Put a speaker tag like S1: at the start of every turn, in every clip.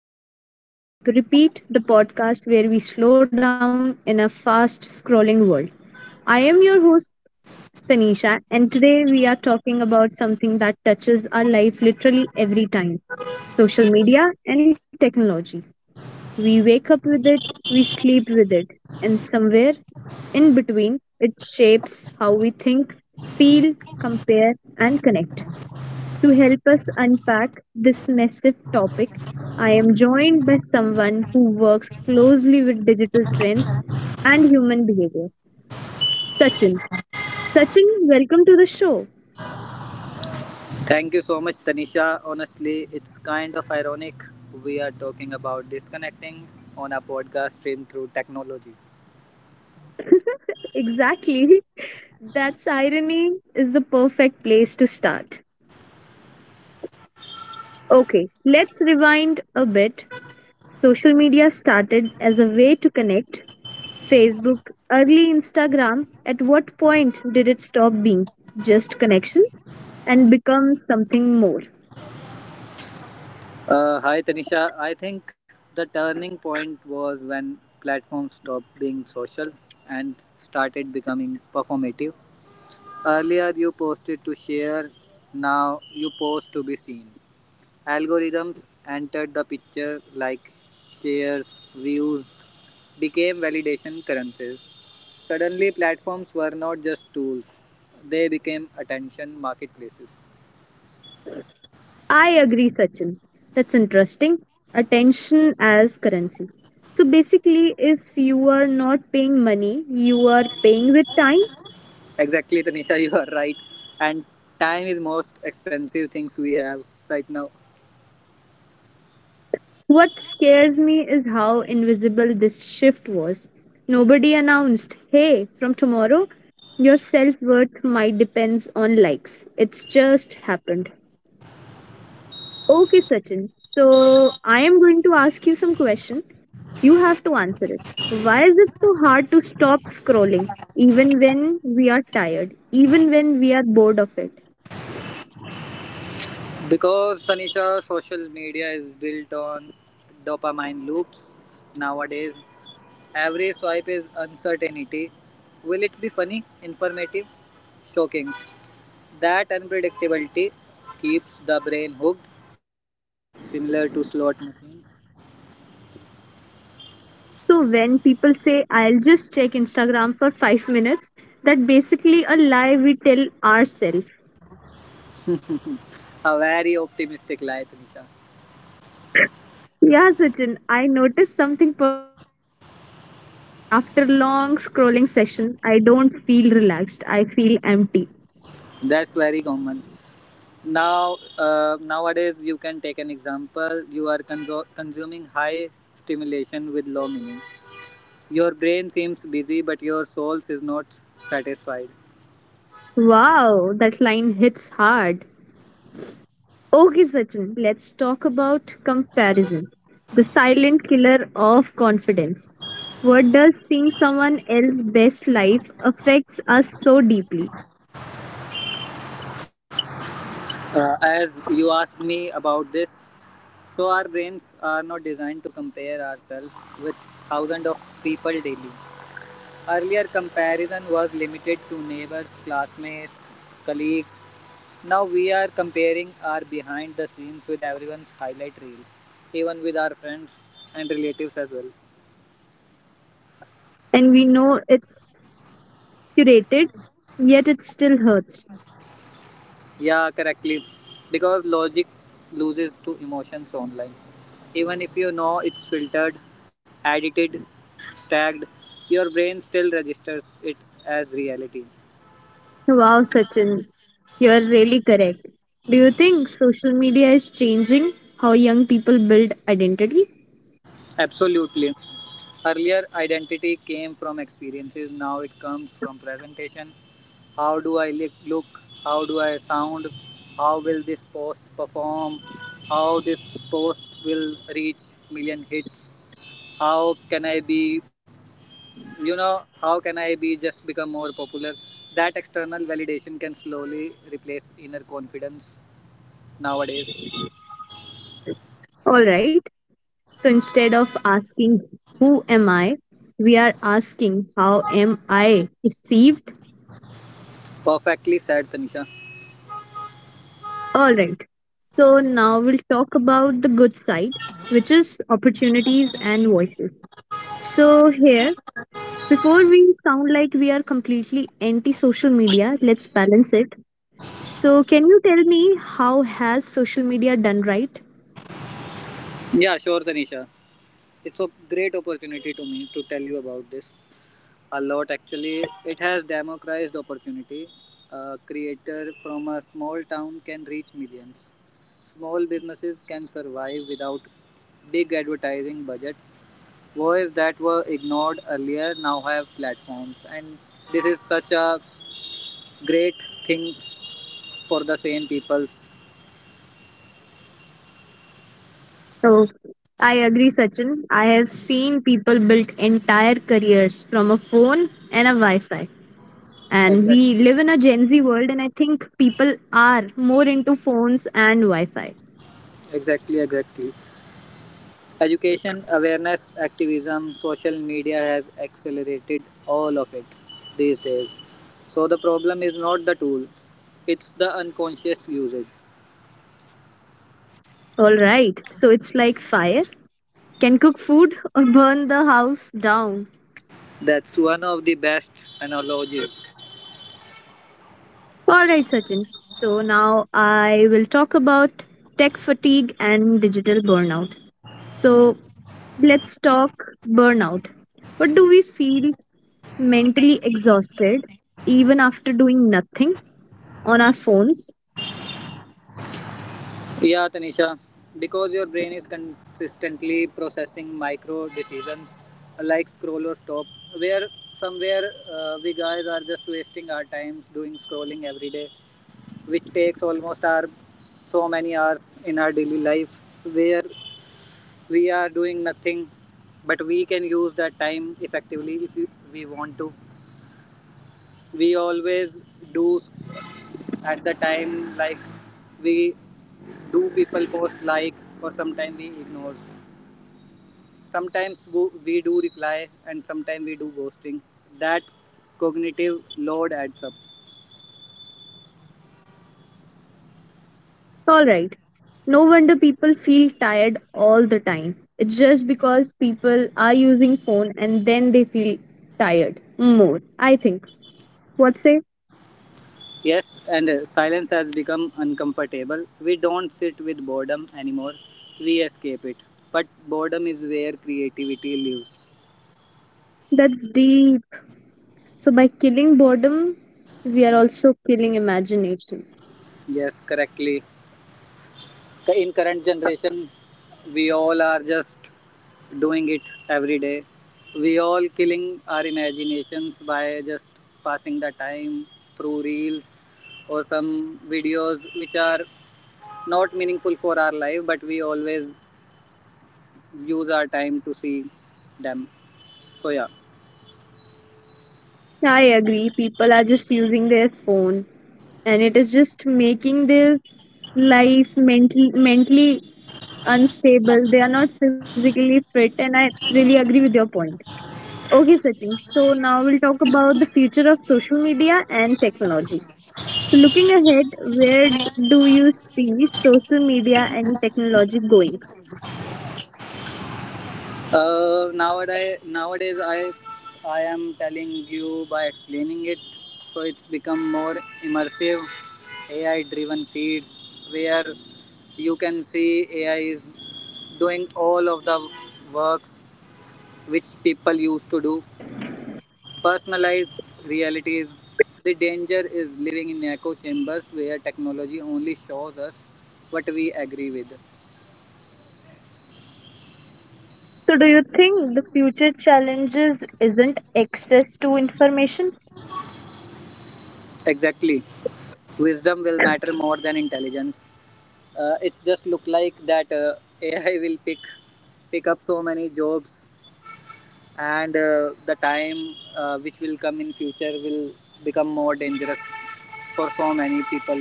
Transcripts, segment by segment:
S1: To Scroll, Swipe, Repeat, the podcast where we slow down in a fast scrolling world. I am your host, Tanisha, and today we are talking about something that touches our life literally every time social media and technology. We wake up with it, we sleep with it, and somewhere in between, it shapes how we think, feel, compare, and connect. To help us unpack this massive topic, I am joined by someone who works closely with digital trends and human behavior, Sachin. Sachin, welcome to the show.
S2: Thank you so much, Tanisha. Honestly, it's kind of ironic we are talking about disconnecting on a podcast stream through technology.
S1: Exactly. That's irony is the perfect place to start. Okay, let's rewind a bit. Social media started as a way to connect. Facebook, early Instagram, at what point did it stop being just connection and become something more?
S2: Hi, Tanisha. I think the turning point was when platforms stopped being social and started becoming performative. Earlier, you posted to share, now, you post to be seen. Algorithms entered the picture like shares, views, became validation currencies. Suddenly platforms were not just tools, they became attention marketplaces.
S1: I agree, Sachin. That's interesting. Attention as currency. So basically, if you are not paying money, you are paying with time.
S2: Exactly, Tanisha, you are right. And time is most expensive things we have right now.
S1: What scares me is how invisible this shift was. Nobody announced, hey, from tomorrow, your self worth might depends on likes. It's just happened. Okay, Sachin. So I am going to ask you some question. You have to answer it. Why is it so hard to stop scrolling even when we are tired, even when we are bored of it?
S2: Because Tanisha, social media is built on dopamine loops nowadays. Every swipe is uncertainty. Will it be funny, informative, shocking? That unpredictability keeps the brain hooked, similar to slot machines.
S1: So when people say I'll just check Instagram for 5 minutes, that basically a lie we tell ourselves.
S2: A very optimistic life, Tanisha.
S1: Yeah, Sachin, I noticed something personal. After long scrolling session, I don't feel relaxed. I feel empty.
S2: That's very common. Now, nowadays, you can take an example. You are consuming high stimulation with low meaning. Your brain seems busy, but your soul is not satisfied.
S1: Wow, that line hits hard. Okay, Sachin, let's talk about comparison. The silent killer of confidence. What does seeing someone else's best life affects us so deeply?
S2: As you asked me about this, so our brains are not designed to compare ourselves with thousands of people daily. Earlier comparison was limited to neighbors, classmates, colleagues. Now we are comparing our behind the scenes with everyone's highlight reel, even with our friends and relatives as well.
S1: And we know it's curated, yet it still hurts.
S2: Yeah, correctly. Because logic loses to emotions online. Even if you know it's filtered, edited, stacked, your brain still registers it as reality.
S1: Wow, Sachin, you're really correct. Do you think social media is changing how young people build identity?
S2: Absolutely. Earlier identity came from experiences, now it comes from presentation. How do I look? How do I sound? How will this post perform? How this post will reach million hits? How can I be, you know, how can I be just become more popular? That external validation can slowly replace inner confidence nowadays.
S1: All right. So instead of asking, who am I? We are asking, how am I perceived?
S2: Perfectly said, Tanisha.
S1: All right. So now we'll talk about the good side, which is opportunities and voices. So here, before we sound like we are completely anti social media, let's balance it. So, can you tell me how has social media done right?
S2: Yeah, sure, Tanisha. It's a great opportunity to me to tell you about this a lot. Actually, it has democratized opportunity. A creator from a small town can reach millions. Small businesses can survive without big advertising budgets. Voices that were ignored earlier now have platforms, and this is such a great thing for the same peoples.
S1: Oh, I agree, Sachin. I have seen people build entire careers from a phone and a Wi Fi. And we
S2: exactly
S1: live in a Gen Z world, and I think people are more into phones and Wi Fi.
S2: exactly exactly Education, awareness, activism, social media has accelerated all of it these days. So the problem is not the tool, it's the unconscious usage.
S1: All right, so it's like fire can cook food or burn the house down.
S2: That's one of the best analogies.
S1: All right, Sachin. So now I will talk about tech fatigue and digital burnout. So let's talk burnout. What do we feel mentally exhausted even after doing nothing on our phones?
S2: Yeah, Tanisha, because your brain is consistently processing micro decisions like scroll or stop, where somewhere we guys are just wasting our times doing scrolling every day, which takes almost our so many hours in our daily life, where we are doing nothing, but we can use that time effectively if we want to. We always do at the time like we do people post like, or sometimes we ignore, sometimes we do reply and sometimes we do ghosting. That cognitive load adds up.
S1: All right. No wonder people feel tired all the time. It's just because people are using phone and then they feel tired more. I think. What say?
S2: Yes, and silence has become uncomfortable. We don't sit with boredom anymore, we escape it. But boredom is where creativity lives.
S1: That's deep. So by killing boredom, we are also killing imagination.
S2: Yes, correctly. In current generation, we all are just doing it every day. We all killing our imaginations by just passing the time through reels or some videos which are not meaningful for our life, but we always use our time to see them. So, yeah.
S1: Yeah, I agree. People are just using their phone, and it is just making their life mentally unstable. They are not physically fit, and I really agree with your point. Okay, Sachin. So now we'll talk about the future of social media and technology. So looking ahead, where do you see social media and technology going?
S2: Nowadays, I am telling you by explaining it, so it's become more immersive, AI-driven feeds where you can see AI is doing all of the works which people used to do. Personalized realities. The danger is living in echo chambers where technology only shows us what we agree with.
S1: So, do you think the future challenges isn't access to information?
S2: Exactly. Wisdom will matter more than intelligence. It's just look like that AI will pick up so many jobs, and the time which will come in future will become more dangerous for so many people.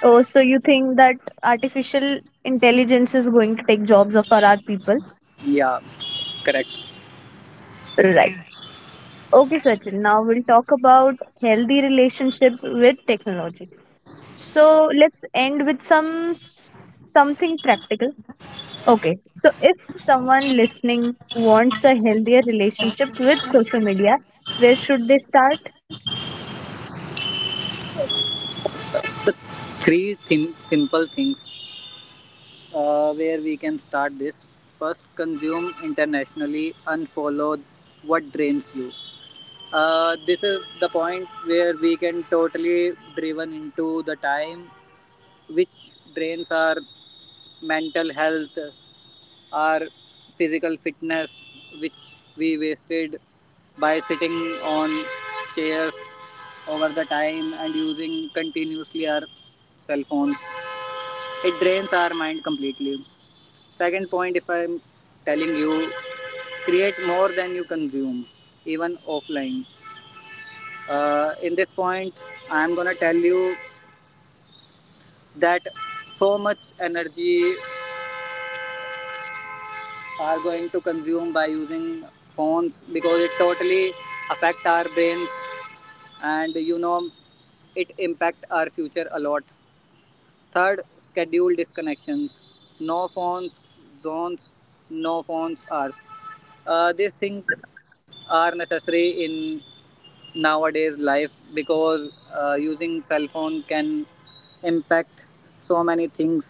S1: Or so you think that artificial intelligence is going to take jobs of our people?
S2: Yeah, correct.
S1: Right. Okay, Sachin. Now we'll talk about healthy relationship with technology. So let's end with some something practical. Okay. So if someone listening wants a healthier relationship with social media, where should they start?
S2: The simple things where we can start this. First, consume internationally, unfollow what drains you. This is the point where we can totally driven into the time which drains our mental health, our physical fitness, which we wasted by sitting on chairs over the time and using continuously our cell phones. It drains our mind completely. Second point, if I'm telling you, create more than you consume, even offline. In this point, I'm gonna tell you that so much energy are going to consume by using phones because it totally affect our brains, and you know it impact our future a lot. Third, schedule disconnections, no phones zones, no phones hours. These things are necessary in nowadays life because using cell phone can impact so many things.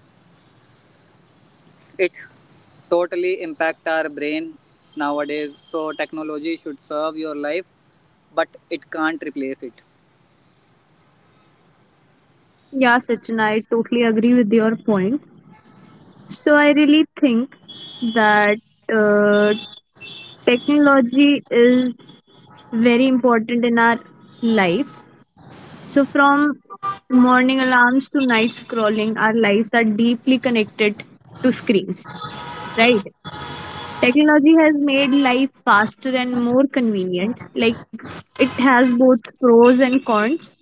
S2: It totally impacts our brain nowadays. So technology should serve your life, but it can't replace it.
S1: Yeah, Sachin, I totally agree with your point. So I really think that uh, technology is very important in our lives. So from morning alarms to night scrolling, our lives are deeply connected to screens, right? Technology has made life faster and more convenient. Like it has both pros and cons.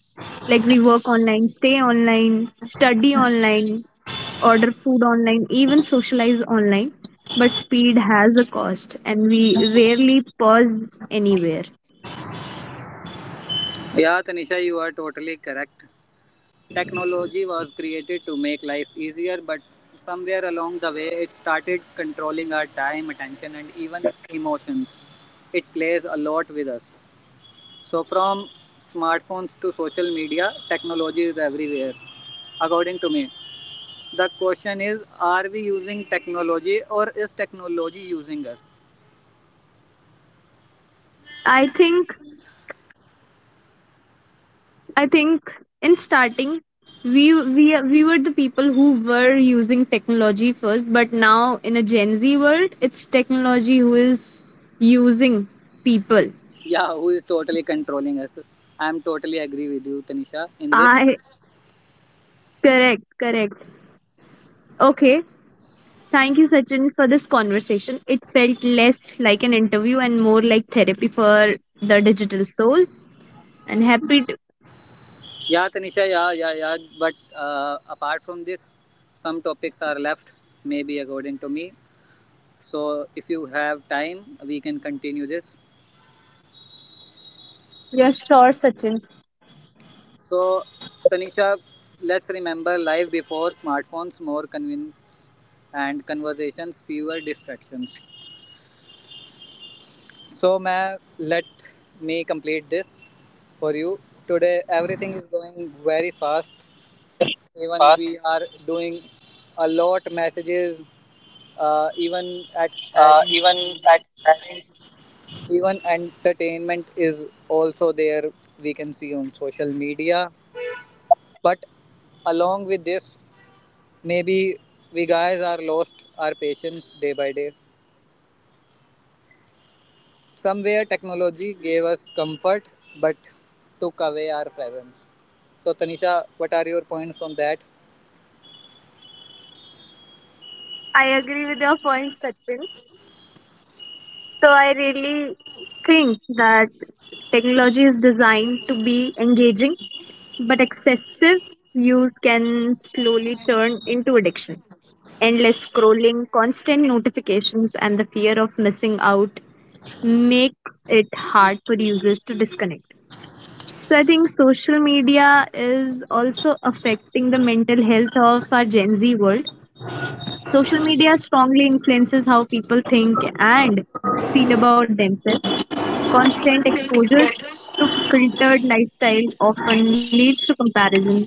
S1: Like we work online, stay online, study online, order food online, even socialize online. But speed has a cost, and we rarely pause anywhere.
S2: Yeah, Tanisha, you are totally correct. Technology was created to make life easier, but somewhere along the way it started controlling our time, attention, and even emotions. It plays a lot with us. So from smartphones to social media, technology is everywhere. According to me, the question is, are we using technology or is technology using us?
S1: I think I think in starting we were the people who were using technology first, but now in a Gen Z world it's technology who is using people.
S2: Yeah, who is totally controlling us? I'm totally agree with you, Tanisha, in this.
S1: I correct correct okay. Thank you, Sachin, for this conversation. It felt less like an interview and more like therapy for the digital soul. And happy to.
S2: Yeah, Tanisha, yeah, yeah, yeah. But apart from this, some topics are left, maybe according to me. So if you have time, we can continue this.
S1: You're sure, Sachin.
S2: So, Tanisha, let's remember life before smartphones, more convenience and conversations, fewer distractions. So, ma'am, let me complete this for you. Today, everything is going very fast. Even we are doing a lot messages. Even at having, even entertainment is also there. We can see on social media. But along with this, maybe we guys are lost our patience day by day. Somewhere technology gave us comfort but took away our presence. So, Tanisha, what are your points on that?
S1: I agree with your point, Satpin. So I really think that technology is designed to be engaging, but excessive use can slowly turn into addiction. Endless scrolling, constant notifications, and the fear of missing out makes it hard for users to disconnect. So I think social media is also affecting the mental health of our Gen Z world. Social media strongly influences how people think and feel about themselves. Constant exposures to filtered lifestyle often leads to comparison,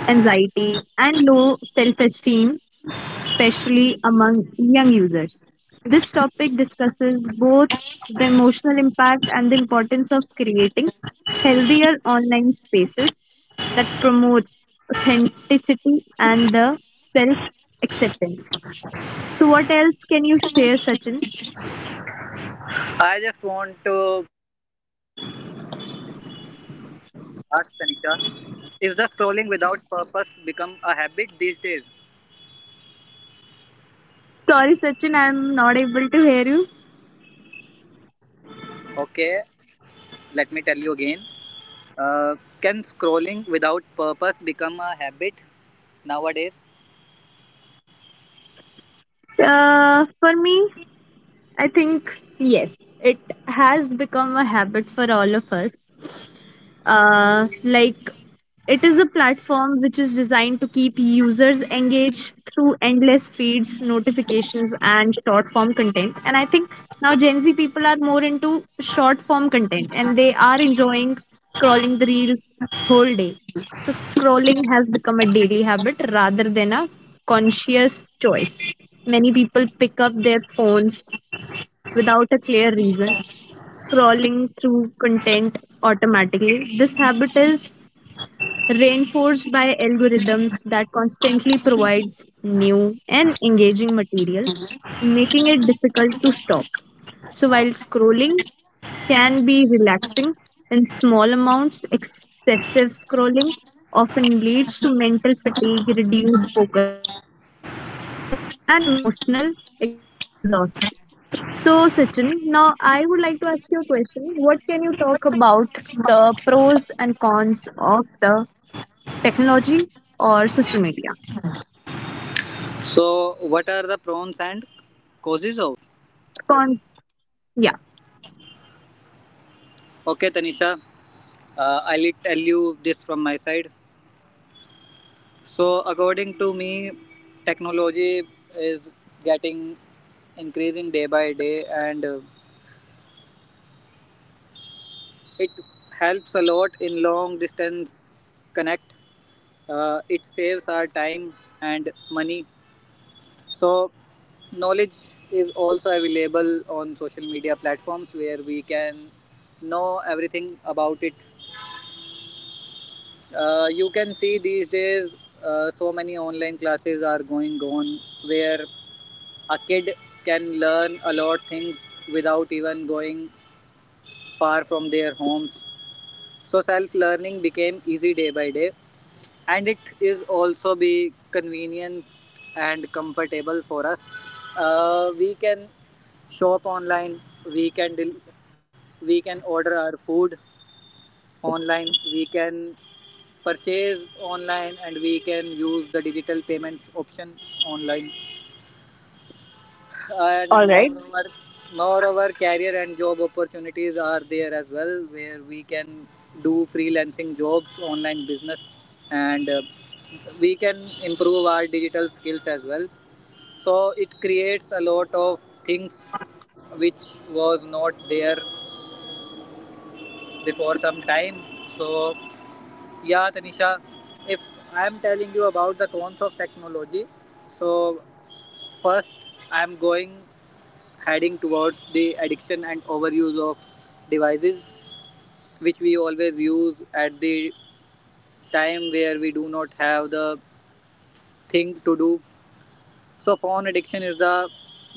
S1: anxiety, and low self-esteem, especially among young users. This topic discusses both the emotional impact and the importance of creating healthier online spaces that promotes authenticity and the self acceptance. So what else can you share, Sachin?
S2: I just want to ask Tanisha, is the scrolling without purpose become a habit these days?
S1: Sorry, Sachin, I'm not able to hear you.
S2: Okay, let me tell you again. Uh, can scrolling without purpose become a habit nowadays?
S1: For me, I think yes, it has become a habit for all of us. Like it is a platform which is designed to keep users engaged through endless feeds, notifications, and short form content. And I think now Gen Z people are more into short form content and they are enjoying scrolling the reels whole day. So scrolling has become a daily habit rather than a conscious choice. Many people pick up their phones without a clear reason, scrolling through content automatically. This habit is reinforced by algorithms that constantly provides new and engaging materials, making it difficult to stop. So while scrolling can be relaxing in small amounts, excessive scrolling often leads to mental fatigue, reduced focuses, and emotional exhaust. So, Sachin, now I would like to ask you a question. What can you talk about the pros and cons of the technology or social media?
S2: So, what are the pros and causes of?
S1: Cons, yeah.
S2: Okay, Tanisha, I'll tell you this from my side. So, according to me, technology is getting increasing day by day, and it helps a lot in long distance connect. It saves our time and money. So, knowledge is also available on social media platforms where we can know everything about it. You can see these days so many online classes are going on where a kid can learn a lot of things without even going far from their homes. So self learning became easy day by day, and it is also be convenient and comfortable for us. We can shop online, we can del- we can order our food online, we can purchase online, and we can use the digital payment option online. and
S1: All right.
S2: moreover moreover career and job opportunities are there as well, where we can do freelancing jobs, online business, and we can improve our digital skills as well. So it creates a lot of things which was not there before some time. So, yeah, Tanisha, if I am telling you about the cons of technology, so first, I am going heading towards the addiction and overuse of devices which we always use at the time where we do not have the thing to do. So phone addiction is the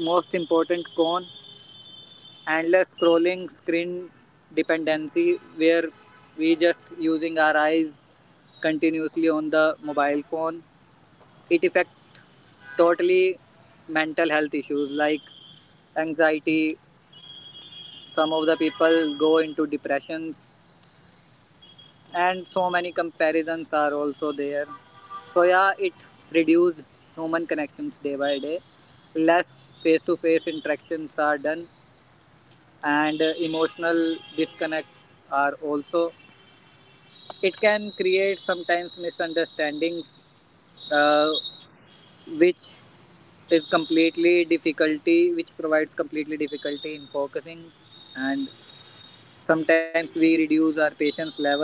S2: most important con. Endless scrolling, screen dependency, where we just using our eyes continuously on the mobile phone. It affect totally. Mental health issues like anxiety, some of the people go into depressions, and so many comparisons are also there. So, yeah, it reduces human connections day by day. Less face-to-face interactions are done, and emotional disconnects are also. It can create sometimes misunderstandings, uh, which which provides completely difficulty in focusing, and sometimes we reduce our patience level.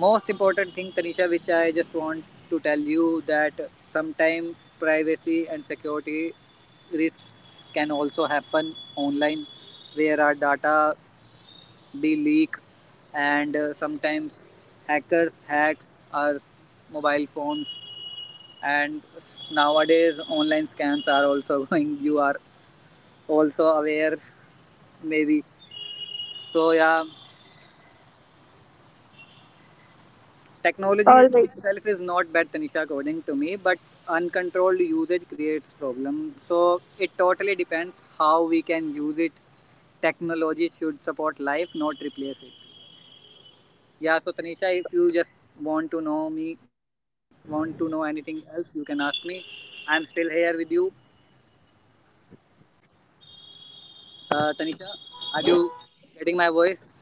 S2: Most important thing, Tanisha, which I just want to tell you, that sometimes privacy and security risks can also happen online, where our data be leaked, and sometimes hackers hacks our mobile phones, and nowadays online scams are also going. You are also aware, maybe. So, yeah,
S1: All
S2: technology
S1: right.
S2: itself is not bad, Tanisha, according to me, but uncontrolled usage creates problem. So it totally depends how we can use it. Technology should support life, not replace it. Yeah. So Tanisha, if you just want to know me, want to know anything else, you can ask me. I'm still here with you, Tanisha. Are you getting my voice?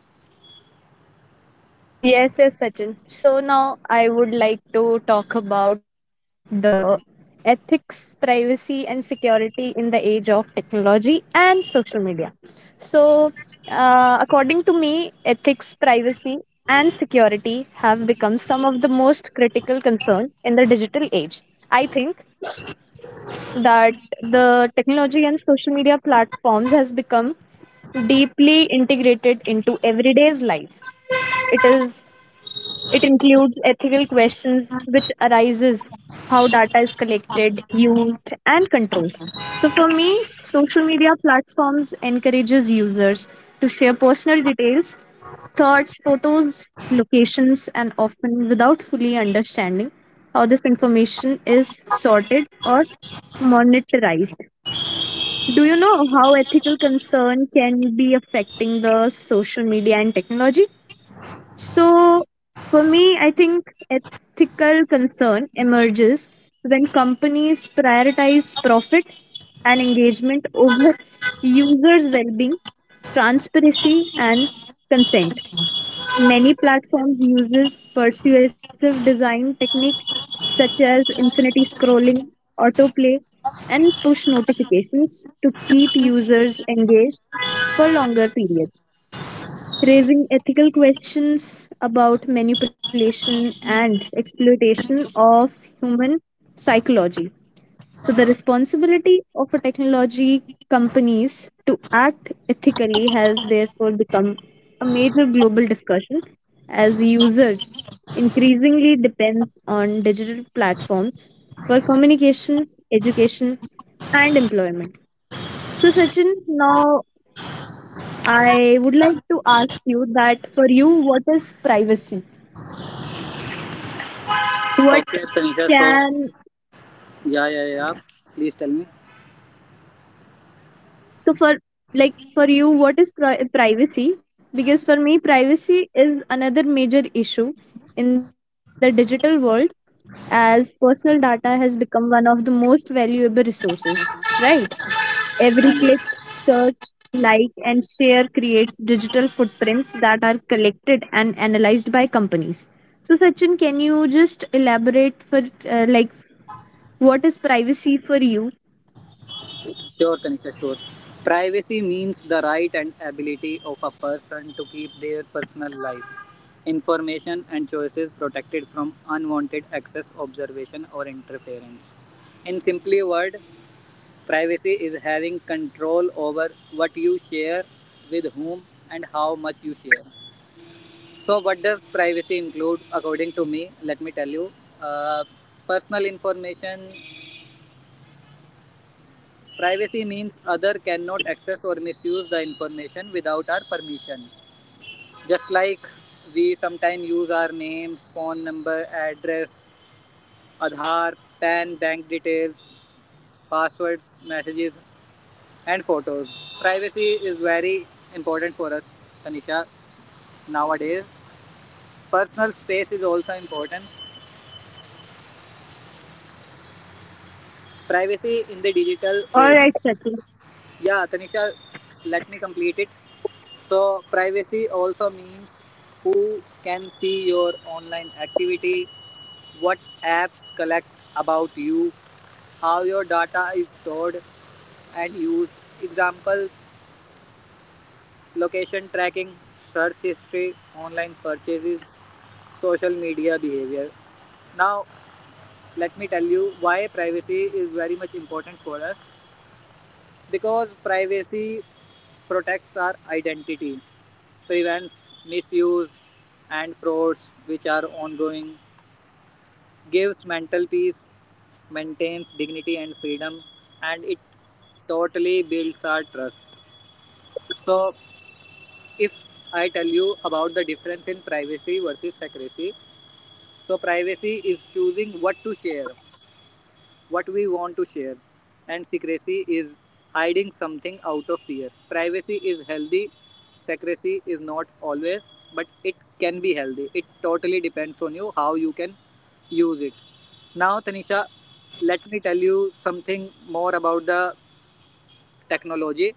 S1: Yes, yes, Sachin. So now I would like to talk about the ethics, privacy, and security in the age of technology and social media. So, according to me, ethics, privacy, and security have become some of the most critical concern in the digital age. I think that the technology and social media platforms has become deeply integrated into everyday's life. It is it includes ethical questions which arises how data is collected, used and controlled. So for me, social media platforms encourages users to share personal details, thoughts, photos, locations and often without fully understanding information is sorted or monetized. Do you know how ethical concern can be affecting the social media and technology? So, for me, I think ethical concern emerges when companies prioritize profit and engagement over users' well being, transparency, and consent. Many platforms uses persuasive design techniques such as infinity scrolling, autoplay, and push notifications to keep users engaged for longer periods raising ethical questions about manipulation and exploitation of human psychology. So, the responsibility of a technology companies to act ethically has therefore become a major global discussion as users increasingly depends on digital platforms for communication, education, and employment. So, Sachin, now I would like to ask you that for you, what is privacy? What
S2: Okay, Tanisha. So
S1: can
S2: yeah, yeah, yeah. Please tell me.
S1: So for like for you, what is privacy? Because for me, privacy is another major issue in the digital world as personal data has become one of the most valuable resources, right? Every click,
S2: And yes.
S1: search, like, and share creates digital footprints that are collected and analyzed by companies. So, Sachin, can you just elaborate for like what is privacy for you?
S2: Sure, Tanisha, sure. Privacy means the right and ability of a person to keep their personal life, information, and choices protected from unwanted access, observation, or interference. In simply word, privacy is having control over what you share, with whom, and how much you share. So, what does privacy include? According to me, let me tell you. Uh, personal information. Privacy means other cannot access or misuse the information without our permission. Just like we sometimes use our name, phone number, address, Aadhaar, PAN, bank details, passwords, messages, and photos. Privacy is very important for us, Tanisha, nowadays. Personal space is also important. Privacy in the digital
S1: All
S2: age.
S1: right, Sachin.
S2: Yeah, Tanisha, let me complete it. So privacy also means who can see your online activity, what apps collect about you, how your data is stored and used. Example, location tracking, search history, online purchases, social media behavior. Now, let me tell you why privacy is very much important for us, because privacy protects our identity, prevents misuse and frauds which are ongoing, gives mental peace, maintains dignity and freedom, and it totally builds our trust. So, if I tell you about the difference in privacy versus secrecy, so privacy is choosing what to share, what we want to share. And secrecy is hiding something out of fear. Privacy is healthy, secrecy is not always, but it can be healthy. It totally depends on you how you can use it. Now, Tanisha, let me tell you something more about the technology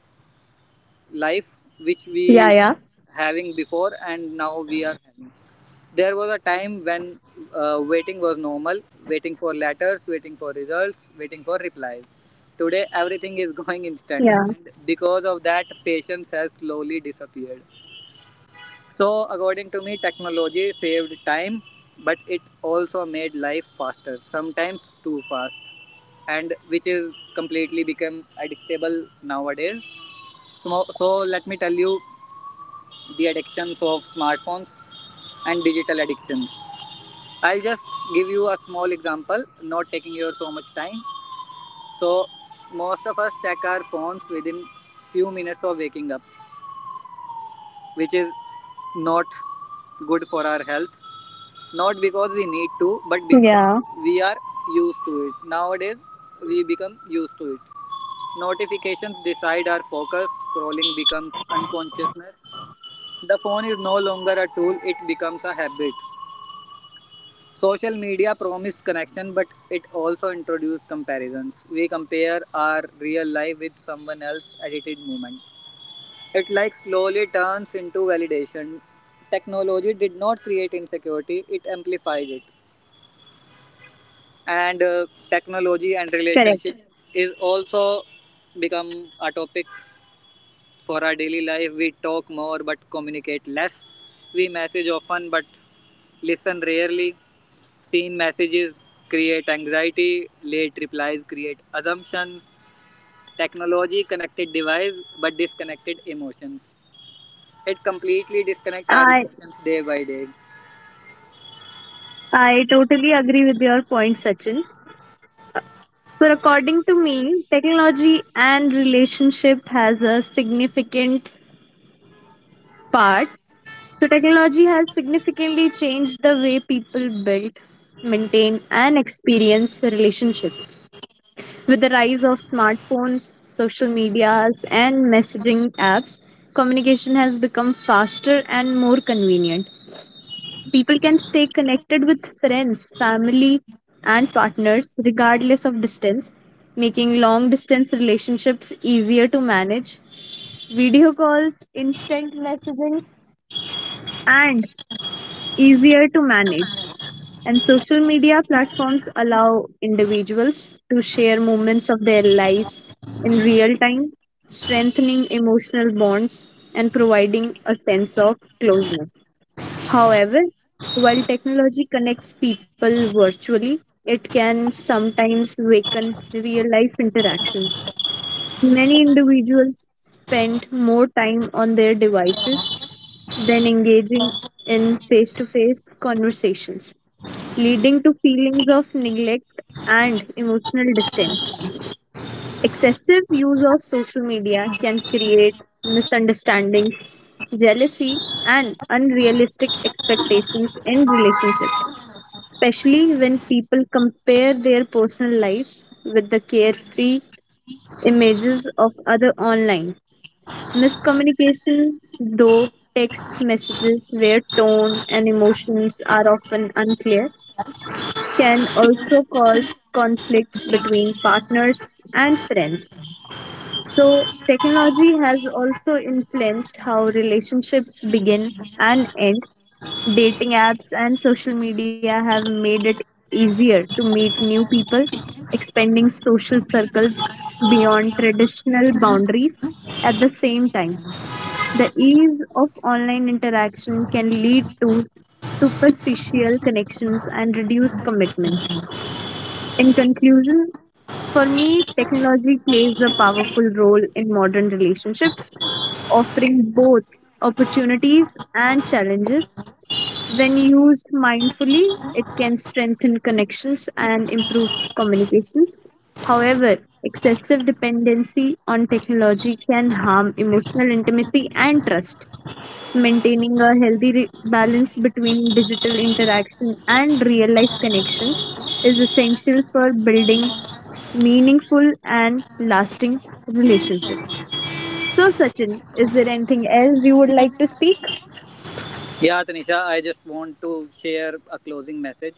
S2: life which
S1: Yeah,
S2: we
S1: yeah,
S2: having before and now we are having. There was a time when waiting was normal. Waiting for letters, waiting for results, waiting for replies. Today everything is going instant, and
S1: yeah,
S2: because of that patience has slowly disappeared. So according to me, technology saved time, but it also made life faster, sometimes too fast, and which is completely become addictable nowadays. So let me tell you the addictions of smartphones and digital addictions. I'll just give you a small example, not taking your so much time. So most of us check our phones within few minutes of waking up, which is not good for our health. Not because we need to, but
S1: yeah.
S2: because we are used to it. Nowadays, we become used to it. Notifications decide our focus, scrolling becomes unconsciousness. The phone is no longer a tool, it becomes a habit. Social media promised connection, but it also introduced comparisons. We compare our real life with someone else's edited moment. It like slowly turns into validation. Technology did not create insecurity, it amplified it. And technology
S1: Correct.
S2: and relationship is also become a topic for our daily life. We talk more but communicate less. We message often but listen rarely. Seen messages create anxiety, late replies create assumptions, technology connected device but disconnected emotions. It completely disconnect our
S1: I
S2: emotions day by day.
S1: I totally agree with your point, Sachin. So, according to me, technology and relationship has a significant part. So, technology has significantly changed the way people build, maintain, and experience relationships. With rise of smartphones, social medias, and messaging apps, communication has become faster and more convenient. People can stay connected with friends, family, and partners regardless of distance, making long distance relationships easier to manage. Video calls, instant messaging, and easier to manage. And social media platforms allow individuals to share moments of their lives in real time, strengthening emotional bonds and providing a sense of closeness. However, while technology connects people virtually, it can sometimes weaken real life interactions. Many individuals spend more time on their devices than engaging in face to face conversations leading to feelings of neglect and emotional distance. Excessive use of social media can create misunderstandings, jealousy, and unrealistic expectations in relationships, especially when people compare their personal lives with the carefree images of other online. Miscommunication, though text messages where tone and emotions are often unclear, can also cause conflicts between partners and friends. So, technology has also influenced how relationships begin and end. Dating apps and social media have made it easier to meet new people, expanding social circles beyond traditional boundaries. At the same time, the ease of online interaction can lead to superficial connections and reduce commitments. In conclusion, for me, technology plays a powerful role in modern relationships, offering both opportunities and challenges. When used mindfully, it can strengthen connections and improve communications. However, excessive dependency on technology can harm emotional intimacy and trust maintaining a healthy balance between digital interaction and real life connection is essential for building meaningful and lasting relationships. So, Sachin, is there anything else you would like to speak?
S2: Yeah, Tanisha, I just want to share a closing message.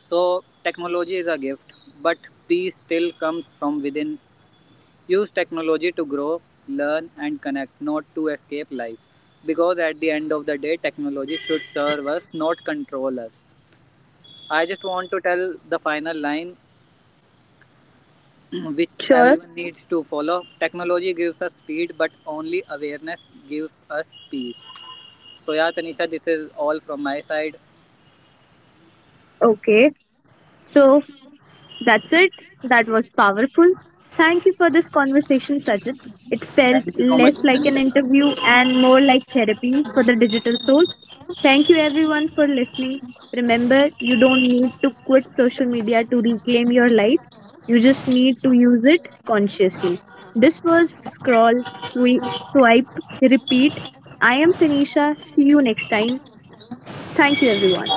S2: So, technology is a gift, but peace still comes from within. Use technology to grow, learn, and connect, not to escape life. Because at the end of the day, technology should serve us, not control us. I just want to tell the final line, which
S1: Sure.
S2: everyone needs to follow. Technology gives us speed, but only awareness gives us peace. So, yeah, Tanisha, this is all from my side.
S1: Okay. So, that's it. That was powerful. Thank you for this conversation, Sajid. It felt
S2: Thank you so much,
S1: less like an
S2: Tanisha.
S1: interview and more like therapy for the digital souls. Thank you, everyone, for listening. Remember, you don't need to quit social media to reclaim your life. You just need to use it consciously. This was Scroll, Sweep, Swipe, Repeat. I am Tanisha. See you next time. Thank you, everyone.